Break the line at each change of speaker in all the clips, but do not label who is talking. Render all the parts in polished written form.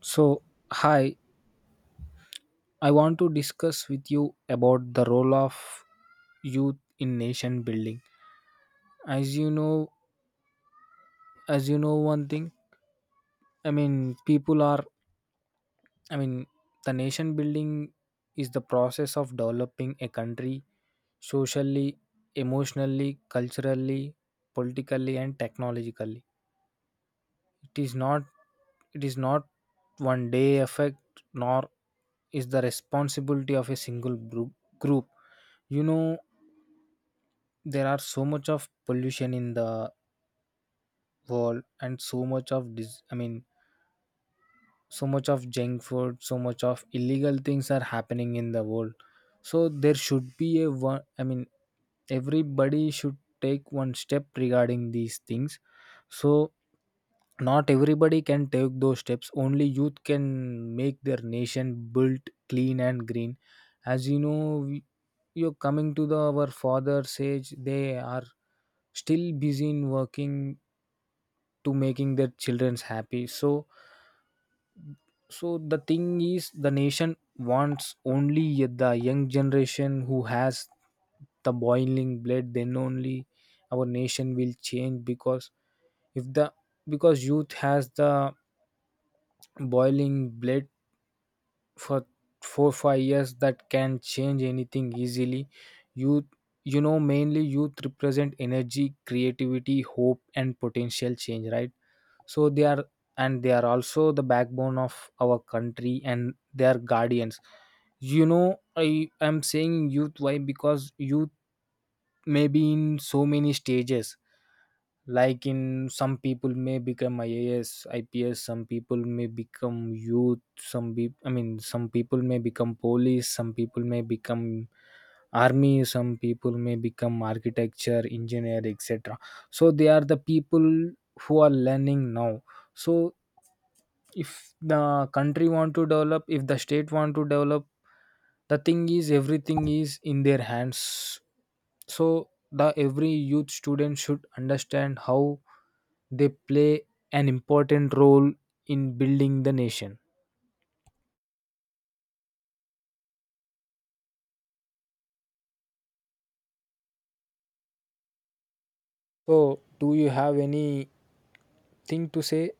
So, hi, I want to discuss with you about the role of youth in nation building. As you know, as you know, one thing, I mean, people are I mean, the nation building is the process of developing a country socially, emotionally, culturally, politically and technologically. It is not it is not one day effect, nor is the responsibility of a single group. You know, there are so much of pollution in the world and so much of I mean, so much of junk food, so much of illegal things are happening in the world. So there should be a one I mean, everybody should take one step regarding these things. So not everybody can take those steps, only youth can make their nation built clean and green. As you know, we- you're coming to the our father's age, they are still busy in working to making their children's happy. So the thing is, the nation wants only the young generation who has the boiling blood, then only our nation will change. Because if the because youth has the boiling blood for 4-5 years, that can change anything easily. Youth, you know, mainly youth represent energy, creativity, hope and potential change, right? So they are, and they are also the backbone of our country, and they are guardians. You know, I am saying youth, why? Because youth may be in so many stages, like in some people may become IAS, IPS, some people may become youth, I mean, some people may become police, some people may become army, some people may become architecture engineer, etc. So they are the people who are learning now. So if the country want to develop, if the state want to develop, the thing is everything is in their hands. So the every youth student should understand how they play an important role in building the nation. So do you have any thing to say?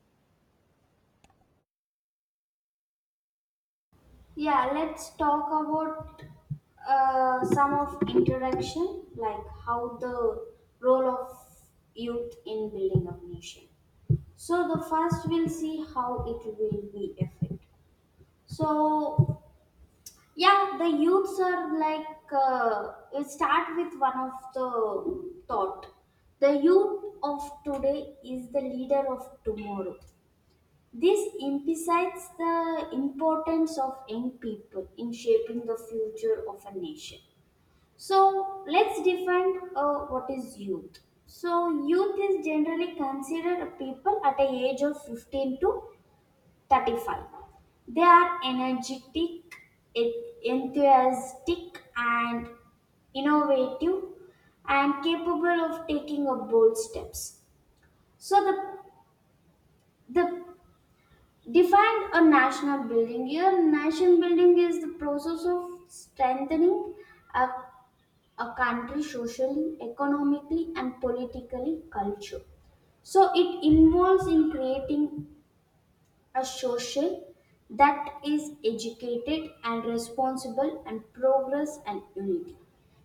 Yeah, let's talk about some of interaction, like how the role of youth in building a nation. So the first we'll see how it will be affect. So yeah, the youths are like we start with one of the thought. The youth of today is the leader of tomorrow. This emphasizes the importance of young people in shaping the future of a nation. So let's define what is youth. So youth is generally considered a people at a age of 15 to 35. They are energetic, en- enthusiastic, and innovative, and capable of taking a bold steps. So the Define a national building. Here, nation building is the process of strengthening a, a country socially, economically, and politically culture. So it involves in creating a social that is educated and responsible and progress and unity.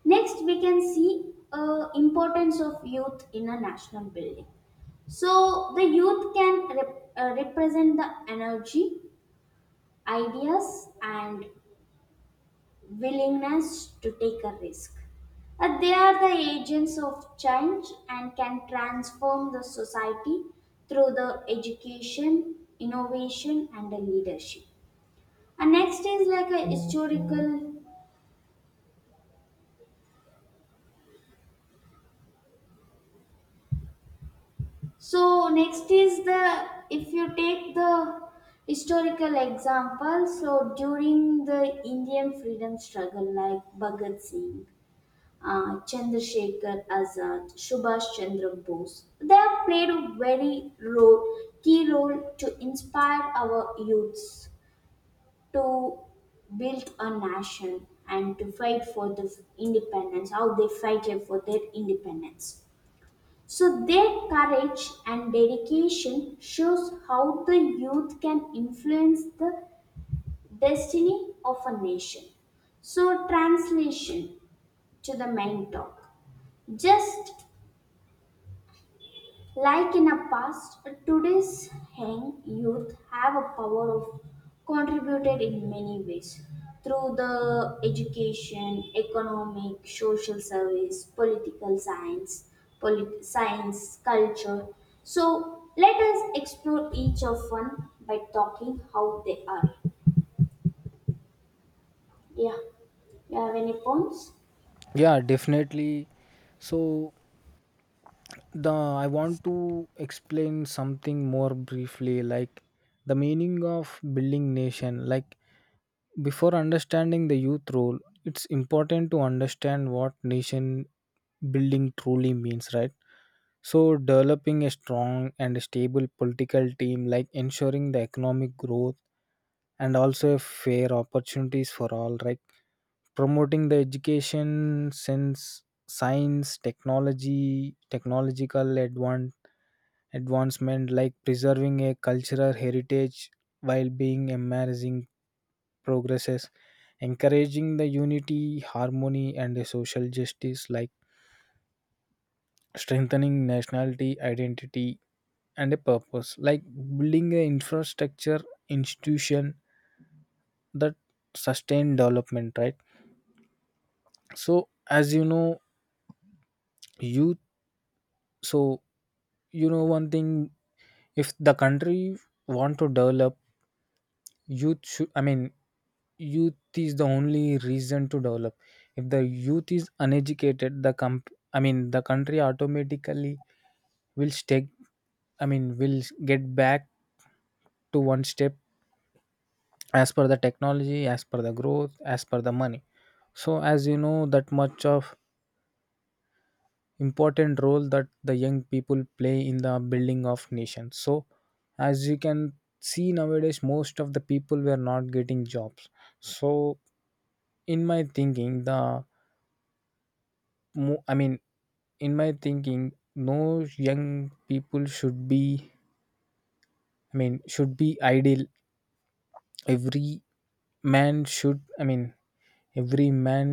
Next, we can see importance of youth in a national building. So the youth can represent the energy ideas and willingness to take a risk. They are the agents of change and can transform the society through the education, innovation, and the leadership. And next is like a historical. So next is the if you take the historical example. So during the Indian freedom struggle, like Bhagat Singh Chandrasekhar Azad, Subhash Chandra Bose. They have played a very role, key role to inspire our youths to build a nation and to fight for the independence, how they fighted for their independence. So their courage and dedication shows how the youth can influence the destiny of a nation. So, translation to the main talk. Just Like in the past, today's young youth have a power of contributed in many ways through the education, economic, social service, political science, science, culture. So let us explore each of one by talking how they are. Yeah, you have any points?
Yeah, definitely. So the I want to explain something more briefly, like the meaning of building nation, like before understanding the youth role, it's important to understand what nation building truly means, right? So, developing a strong and stable political team, like ensuring the economic growth and also fair opportunities for all, right? Promoting the education since science, technology, technological advancement, like preserving a cultural heritage while being embracing progresses, encouraging the unity, harmony, and a social justice, like strengthening nationality, identity, and a purpose, like building an infrastructure institution that sustain development, right? So, as you know, youth. So, you know one thing: if the country want to develop, youth should I mean, youth is the only reason to develop. If the youth is uneducated, the comp I mean, the country automatically will stay, I mean, will get back to one step as per the technology, as per the growth, as per the money. So as you know, that much of important role that the young people play in the building of nations. So as you can see, nowadays most of the people were not getting jobs. So in my thinking, I mean, in my thinking, no young people should be, I mean, should be idle. Every man should, I mean, every man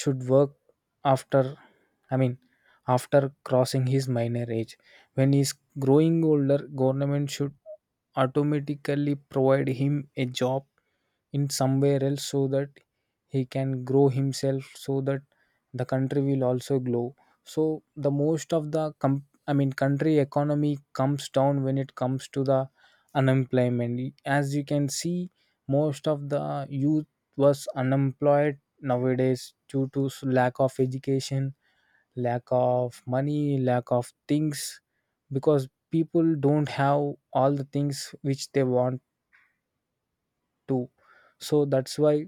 should work after, I mean, after crossing his minor age. When he's growing older, government should automatically provide him a job in somewhere else, so that he can grow himself, so that the country will also grow. So the most of the I mean, country economy comes down when it comes to the unemployment. As you can see, most of the youth was unemployed nowadays due to lack of education, lack of money, lack of things, because people don't have all the things which they want to. So that's why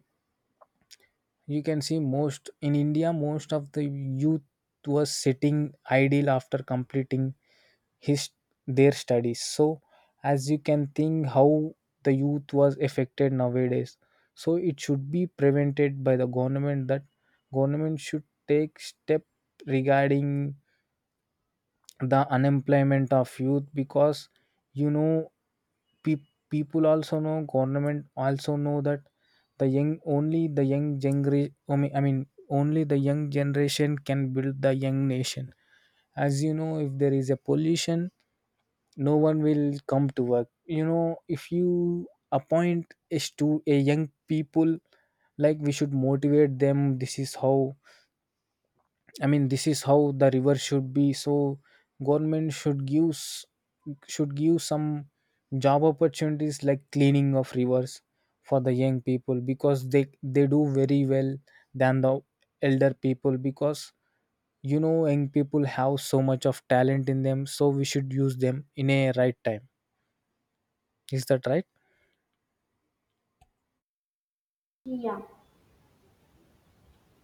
you can see, most in India, most of the youth was sitting idle after completing his their studies. So as you can think how the youth was affected nowadays, so it should be prevented by the government, that government should take step regarding the unemployment of youth. Because you know, people also know, government also know that the young, only the young gener- I mean, I mean, only the young generation can build the young nation. As you know, if there is a pollution, no one will come to work. You know, if you appoint a a young people, like we should motivate them. This is how, I mean, this is how the river should be. So government should give should give some job opportunities, like cleaning of rivers for the young people, because they do very well than the elder people, because you know, young people have so much of talent in them, so we should use them in a right time, is that right?
Yeah.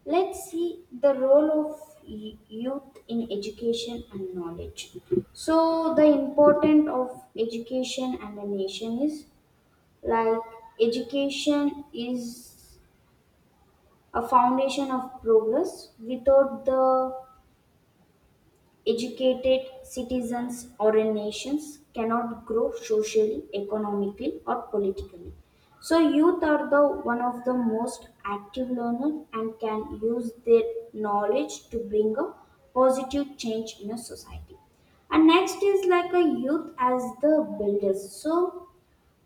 Let's see the role of youth in education and knowledge. So, the importance of education and a nation is like education is a foundation of progress. Without the Educated citizens or a nations cannot grow socially, economically, or politically. So youth are the one of the most active learner and can use their knowledge to bring a positive change in a society. And next is like a youth as the builders. So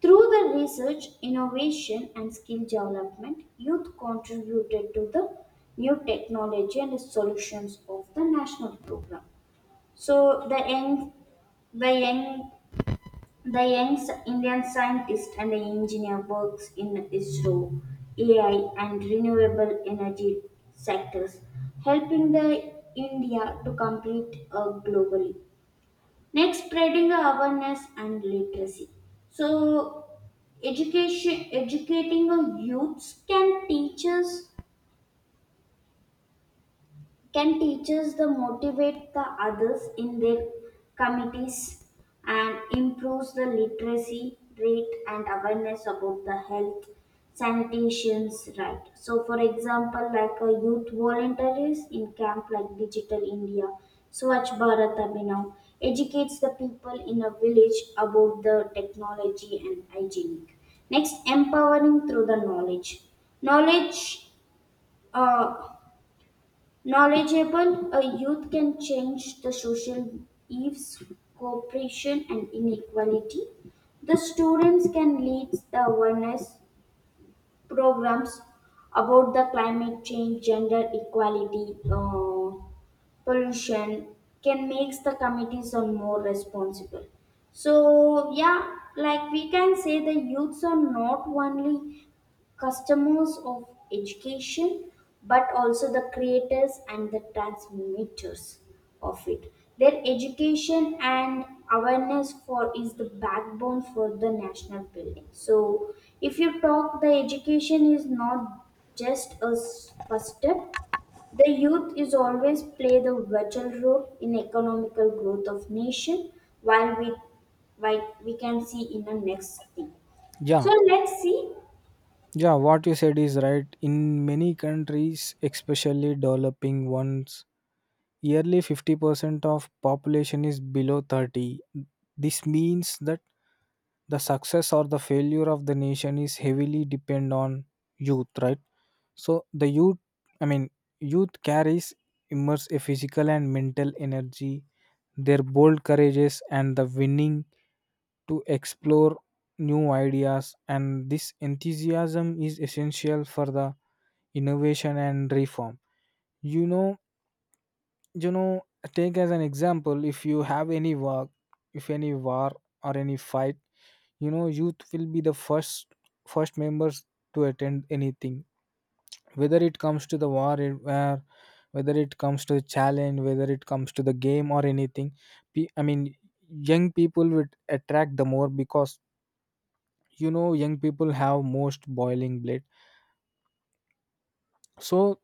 through the research, innovation, and skill development, youth contributed to the new technology and solutions of the national program. So the young, the young Indian scientist and the engineer works in ISRO, AI, and renewable energy sectors, helping the India to compete globally. Next, spreading awareness and literacy. So education, educating the youths can teachers Can teachers the motivate the others in their committees and improves the literacy rate and awareness about the health sanitations, right? So for example, like a youth volunteers in camp like digital india swachh bharat abhinav educates the people in a village about the technology and hygienic. Next, empowering through the knowledge uh, Knowledgeable, a youth can change the social evils, cooperation, and inequality. The students can lead the awareness programs about the climate change, gender equality, pollution, can make the committees are more responsible. So yeah, like we can say the youths are not only customers of education but also the creators and the transmitters of it their education and awareness for is the backbone for the national building. So if you talk the education is not just a first step, the youth is always play the vital role in economical growth of nation while we while we can see in the next thing. So
Yeah.
let's see.
Yeah, what you said is right. In many countries, especially developing ones, yearly 50% of population is below 30. This means that the success or the failure of the nation is heavily depend on youth, right? So the youth, I mean, youth carries immense a physical and mental energy, their bold courages and the winning to explore new ideas, and this enthusiasm is essential for the innovation and reform. You know you know take as an example, if you have any war, if any war or any fight, you know, youth will be the first, first members to attend anything, whether it comes to the war, it- where whether it comes to the challenge, whether it comes to the game or anything. I mean, young people would attract the more, because you know, young people have most boiling blade. So,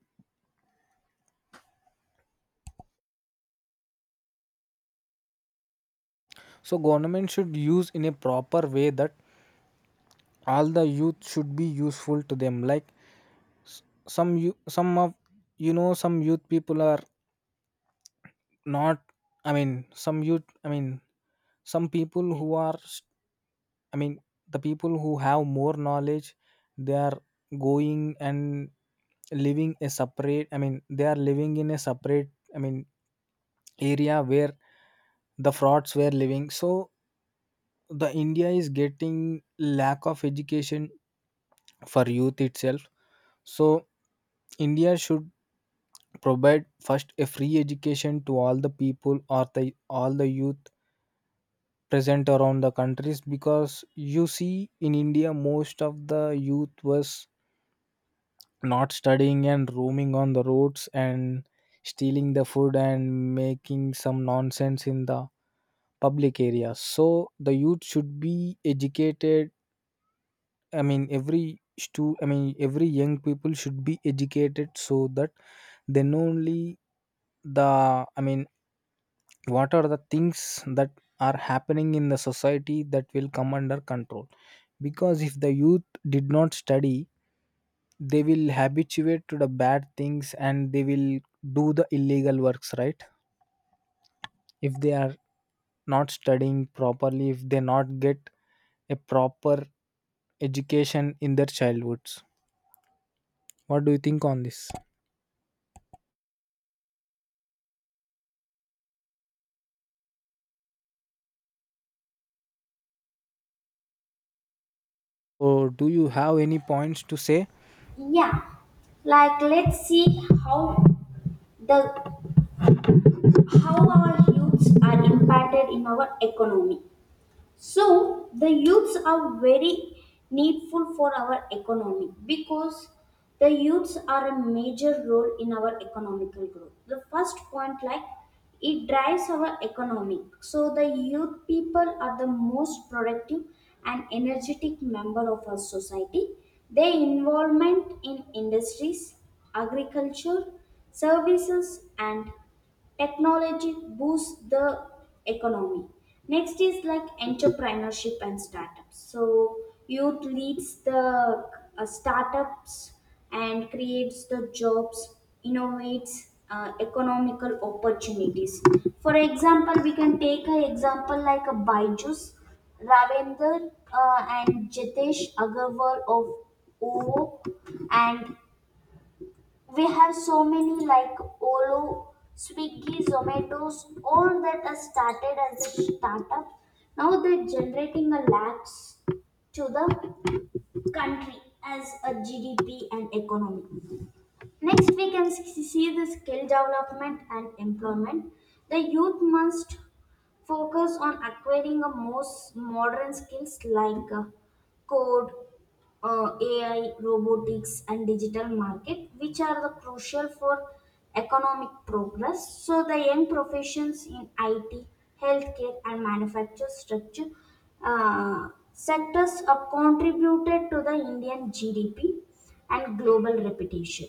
so government should use in a proper way, that all the youth should be useful to them, like S- some you some of you know, some youth people are not, I mean, some youth, I mean, some people who are I mean, the people who have more knowledge, they are going and living a separate, I mean, they are living in a separate, I mean, area where the frauds were living. So the India is getting lack of education for youth itself. So India should provide first a free education to all the people, or the all the youth present around the countries. Because you see in India, most of the youth was not studying and roaming on the roads and stealing the food and making some nonsense in the public areas. So the youth should be educated, I mean, I mean, every young people should be educated, so that then only the, I mean, what are the things that are happening in the society, that will come under control. Because if the youth did not study, they will habituate to the bad things, and they will do the illegal works, right? If they are not studying properly, if they not get a proper education in their childhoods, what do you think on this, or do you have any points to say?
Yeah, like let's see how the how our youths are impacted in our economy. So the youths are very needful for our economy because the youths are a major role in our economical growth. The first point like it drives our economy. So the youth people are the most productive and energetic member of our society. Their involvement in industries, agriculture, services and technology boosts the economy. Next is like entrepreneurship and startups. So youth leads the startups and creates the jobs, innovates economical opportunities. For example, we can take an example like a byju's ravender and jitesh agarwal of O, O, and we have so many like Olo, Swiggy, Zomatos, all that are started as a startup. Now they're generating a lakhs to the country as a GDP and economy. Next, we can see the skill development and employment. The youth must focus on acquiring a most modern skills like code, AI, robotics, and digital market, which are the crucial for economic progress. So the young professions in IT, healthcare, and manufacture structure sectors are contributed to the Indian GDP and global reputation.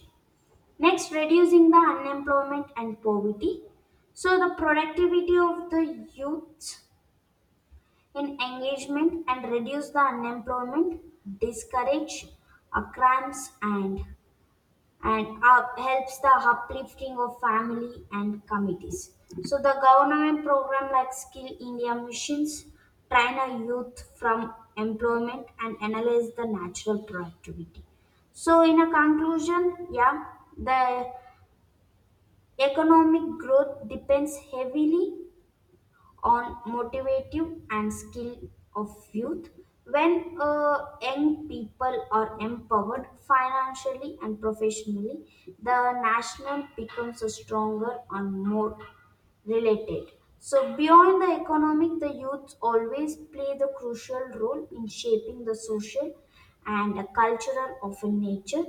Next, reducing the unemployment and poverty. So the productivity of the youth in engagement and reduce the unemployment, discourage crimes and up, helps the uplifting of family and communities. So the government program like Skill India missions train a youth from employment and analyze the natural productivity. So, in a conclusion, yeah, the economic growth depends heavily on motivative and skill of youth. When young people are empowered financially and professionally, the national becomes a stronger and more related. So beyond the economic, the youths always play the crucial role in shaping the social and a cultural of a nature.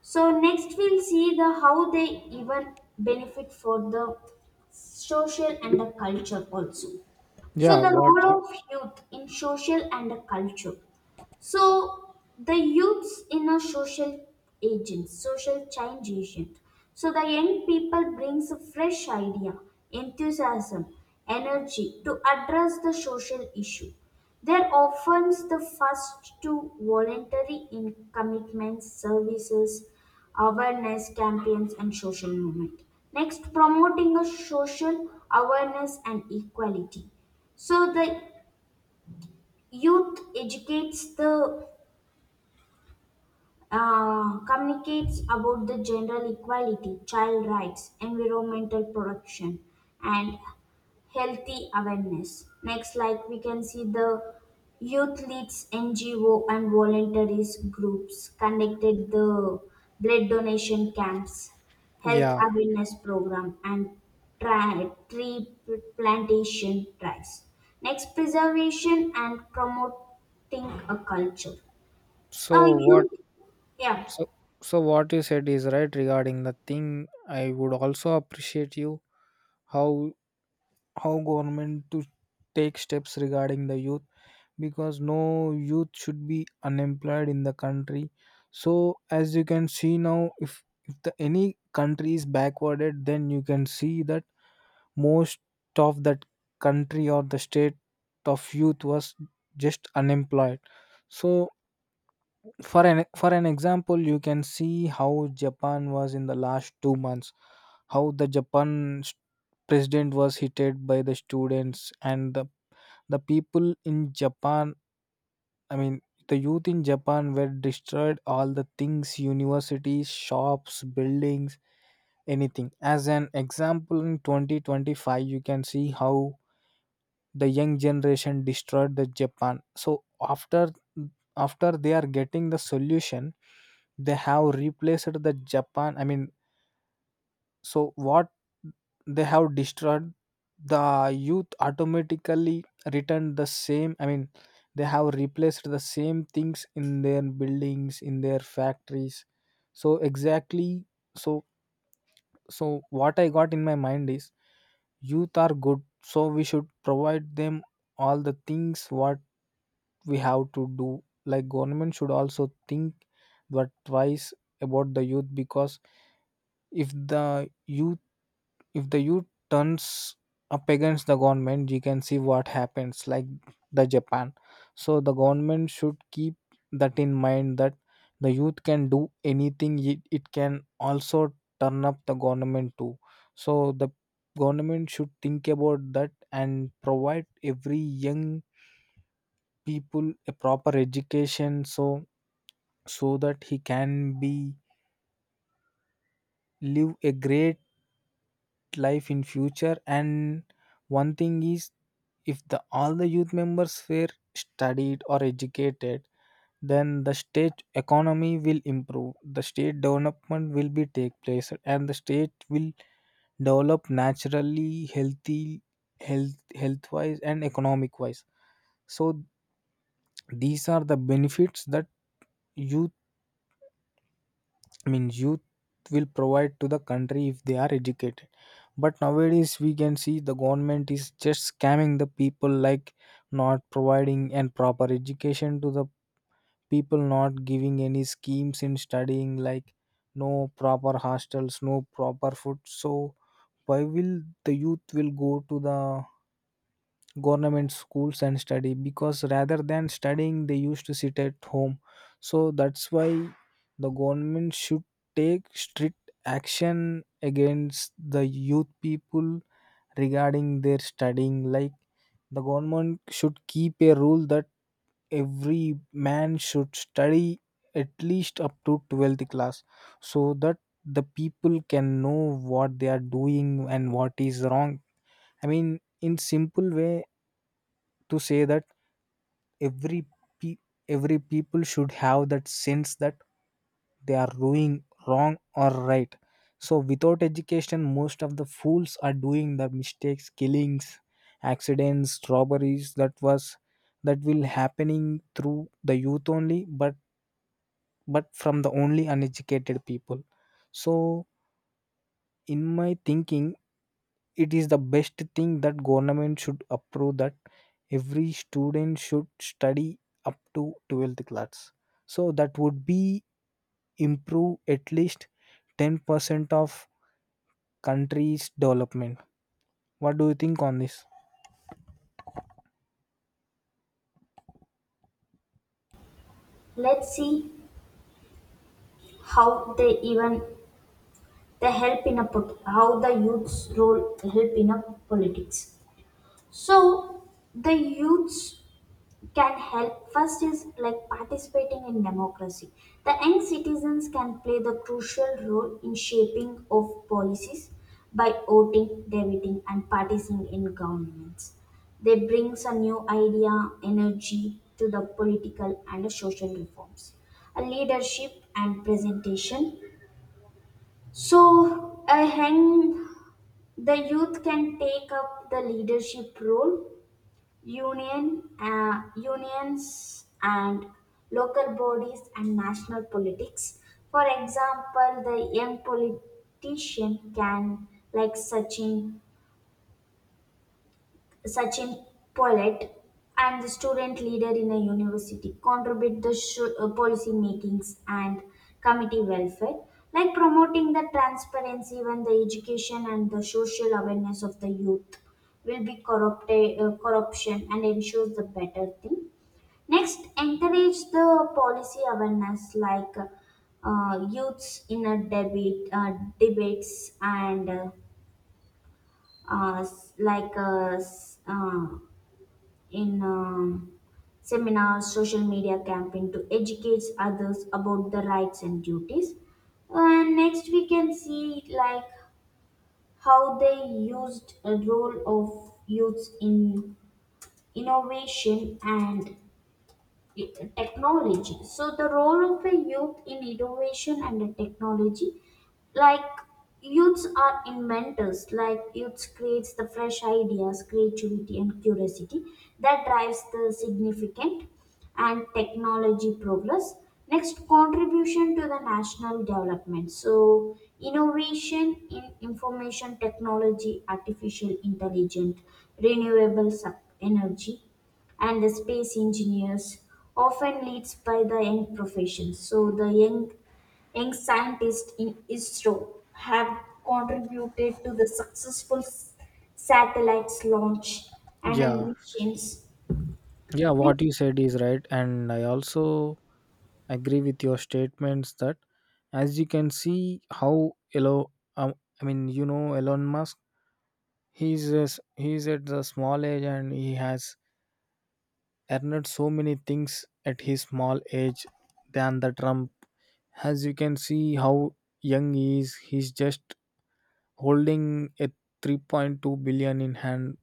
So next we'll see the how they even benefit for the social and the culture also.
Yeah.
So, the
what you
role of youth in social and culture. So the youth's inner social agent, social change agent. So the young people brings a fresh idea, enthusiasm, energy to address the social issue. They're often the first to voluntary in commitments, services, awareness campaigns, and social movement. Next, promoting a social awareness and equality. So the youth educates the communicates about the general equality, child rights, environmental protection, and healthy awareness. Next, like we can see the youth leads NGO and voluntaries groups conducted the blood donation camps, health
Yeah.
awareness program, and tree plantation drives. Next, preservation and promoting a culture. A
so what
youth, yeah.
So, so what you said is right regarding the thing. I would also appreciate you, how how government to take steps regarding the youth, because no youth should be unemployed in the country. So as you can see now, if the any country is backwarded, then you can see that most of that country or the state of youth was just unemployed. So for an example, you can see how Japan was in the last 2 months, how the Japan s- president was hated by the students and the people in Japan, I mean, the youth in Japan were destroyed all the things, universities, shops, buildings, anything. As an example, in 2025, you can see how the young generation destroyed the Japan. So after, they are getting the solution, they have replaced the Japan, I mean, so what they have destroyed, the youth automatically returned the same, I mean, they have replaced the same things in their buildings, in their factories. So exactly. So, so what I got in my mind is, youth are good, so we should provide them all the things what we have to do. Like, government should also think but twice about the youth. Because if the youth if the youth turns up against the government, you can see what happens, like the Japan. So the government should keep that in mind, that the youth can do anything, it can also turn up the government too. So the government should think about that and provide every young people a proper education, so that he can be live a great life in future. And one thing is, if the all the youth members were studied or educated, then the state economy will improve, the state development will be take place, and the state will develop naturally, healthy, health wise and economic wise. So these are the benefits that youth means youth will provide to the country if they are educated. But nowadays we can see the government is just scamming the people, like not providing and proper education to the people, not giving any schemes in studying, like no proper hostels, no proper food. So why will the youth will go to the government schools and study, because rather than studying they used to sit at home. So that's why the government should take strict action against the youth people regarding their studying, like the government should keep a rule that every man should study at least up to 12th class, so that the people can know what they are doing and what is wrong. I mean, in simple way to say that every pe- every people should have that sense that they are doing wrong or right. So without education most of the fools are doing the mistakes, killings, accidents, robberies, that will happening through the youth only, but from the only uneducated people. So in my thinking, it is the best thing that government should approve that every student should study up to 12th class, so that would be improve at least 10% of country's development. What do you think on this?
Let's see how they even the help in a put, how the youth's role help in a politics. So the youths can help first is like participating in democracy. The young citizens can play the crucial role in shaping of policies by voting, debating and participating in governments. They brings a new idea, energy to the political and social reforms, a leadership and presentation. So a young, the youth can take up the leadership role Union, unions and local bodies and national politics. For example, the young politician can, like Sachin Pollet, and the student leader in a university contribute the policy makings and committee welfare, like promoting the transparency when the education and the social awareness of the youth will be corrupted, corruption and ensures the better thing. Next, encourage the policy awareness like youths in a debate debates and s- like s- in seminars, social media campaign to educate others about the rights and duties. And next, we can see like how they used a role of youths in innovation and technology. So the role of a youth in innovation and technology like youths are inventors, like youths creates the fresh ideas, creativity and curiosity that drives the significant and technology progress. Next, contribution to the national development. So innovation in information technology, artificial intelligence, renewable energy, and the space engineers often leads by the young professions. So the young Young scientists in ISRO have contributed to the successful satellites launch and
Yeah,
missions.
yeah, what
Next,
you said is right, and I also agree with your statements that, as you can see how Elon, um, I mean, Elon Musk, he's a s he's at the small age and he has earned so many things at his small age than the Trump. As you can see how young he is, he's just holding a 3.2 billion in hand.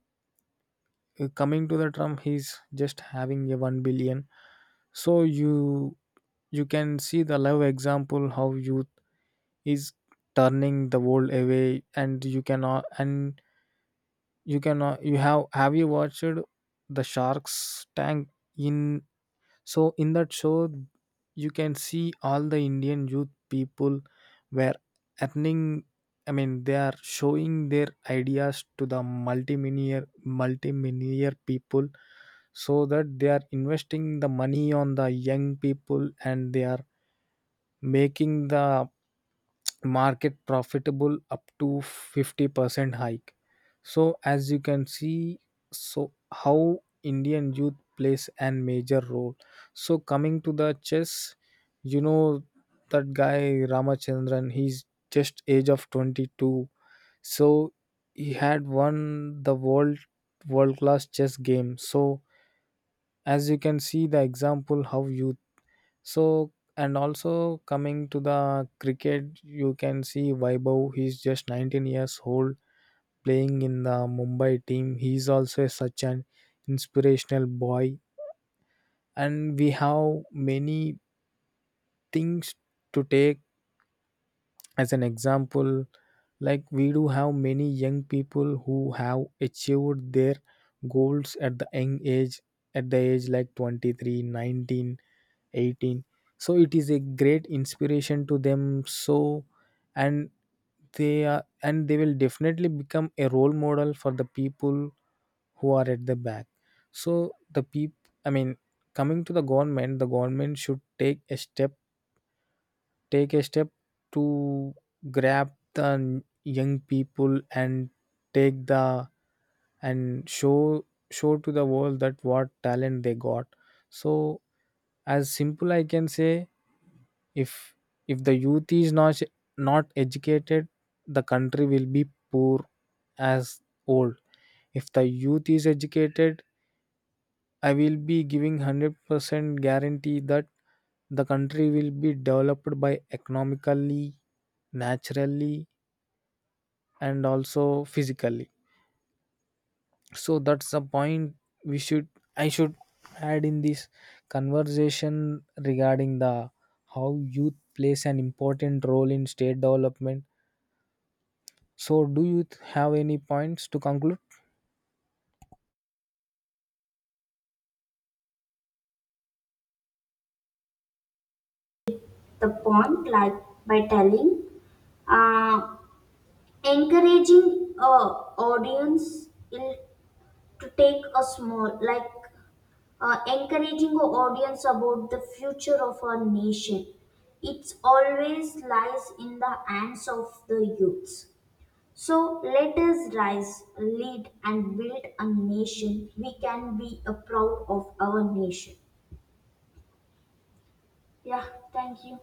Coming to the Trump, he's just having a 1 billion. So you can see the live example how youth is turning the world away, and you cannot you have you watched the Sharks Tank in So in that show, you can see all the Indian youth people were earning. I mean, they are showing their ideas to the multimillionaire people, so that they are investing the money on the young people and they are making the market profitable up to 50% hike. So as you can see, so how Indian youth plays an major role. So coming to the chess, you know that guy Ramachandran, he's just age of 22. So he had won the world class chess game. So as you can see the example how youth, so, and also coming to the cricket, you can see Vaibhav, he's just 19 years old playing in the Mumbai team. He's also such an inspirational boy. And we have many things to take as an example. Like, we do have many young people who have achieved their goals at the young age, at the age like 23, 19, 18. So it is a great inspiration to them. So, and and they will definitely become a role model for the people who are at the back. So the people, I mean, coming to the government, the government should take a step to grab the young people and take the and show to the world that what talent they got. So, as simple I can say, if if the youth is not educated, the country will be poor as old. If the youth is educated, I will be giving 100% guarantee that the country will be developed by economically, naturally, and also physically. So that's the point, we should I should add in this conversation regarding the how youth plays an important role in state development. So, do you have any points to conclude?
the point like by telling, uh, encouraging audience to take a small like encouraging our audience about the future of our nation. It always lies in the hands of the youths. So let us rise, lead, and build a nation we can be a proud of our nation. Yeah, thank you.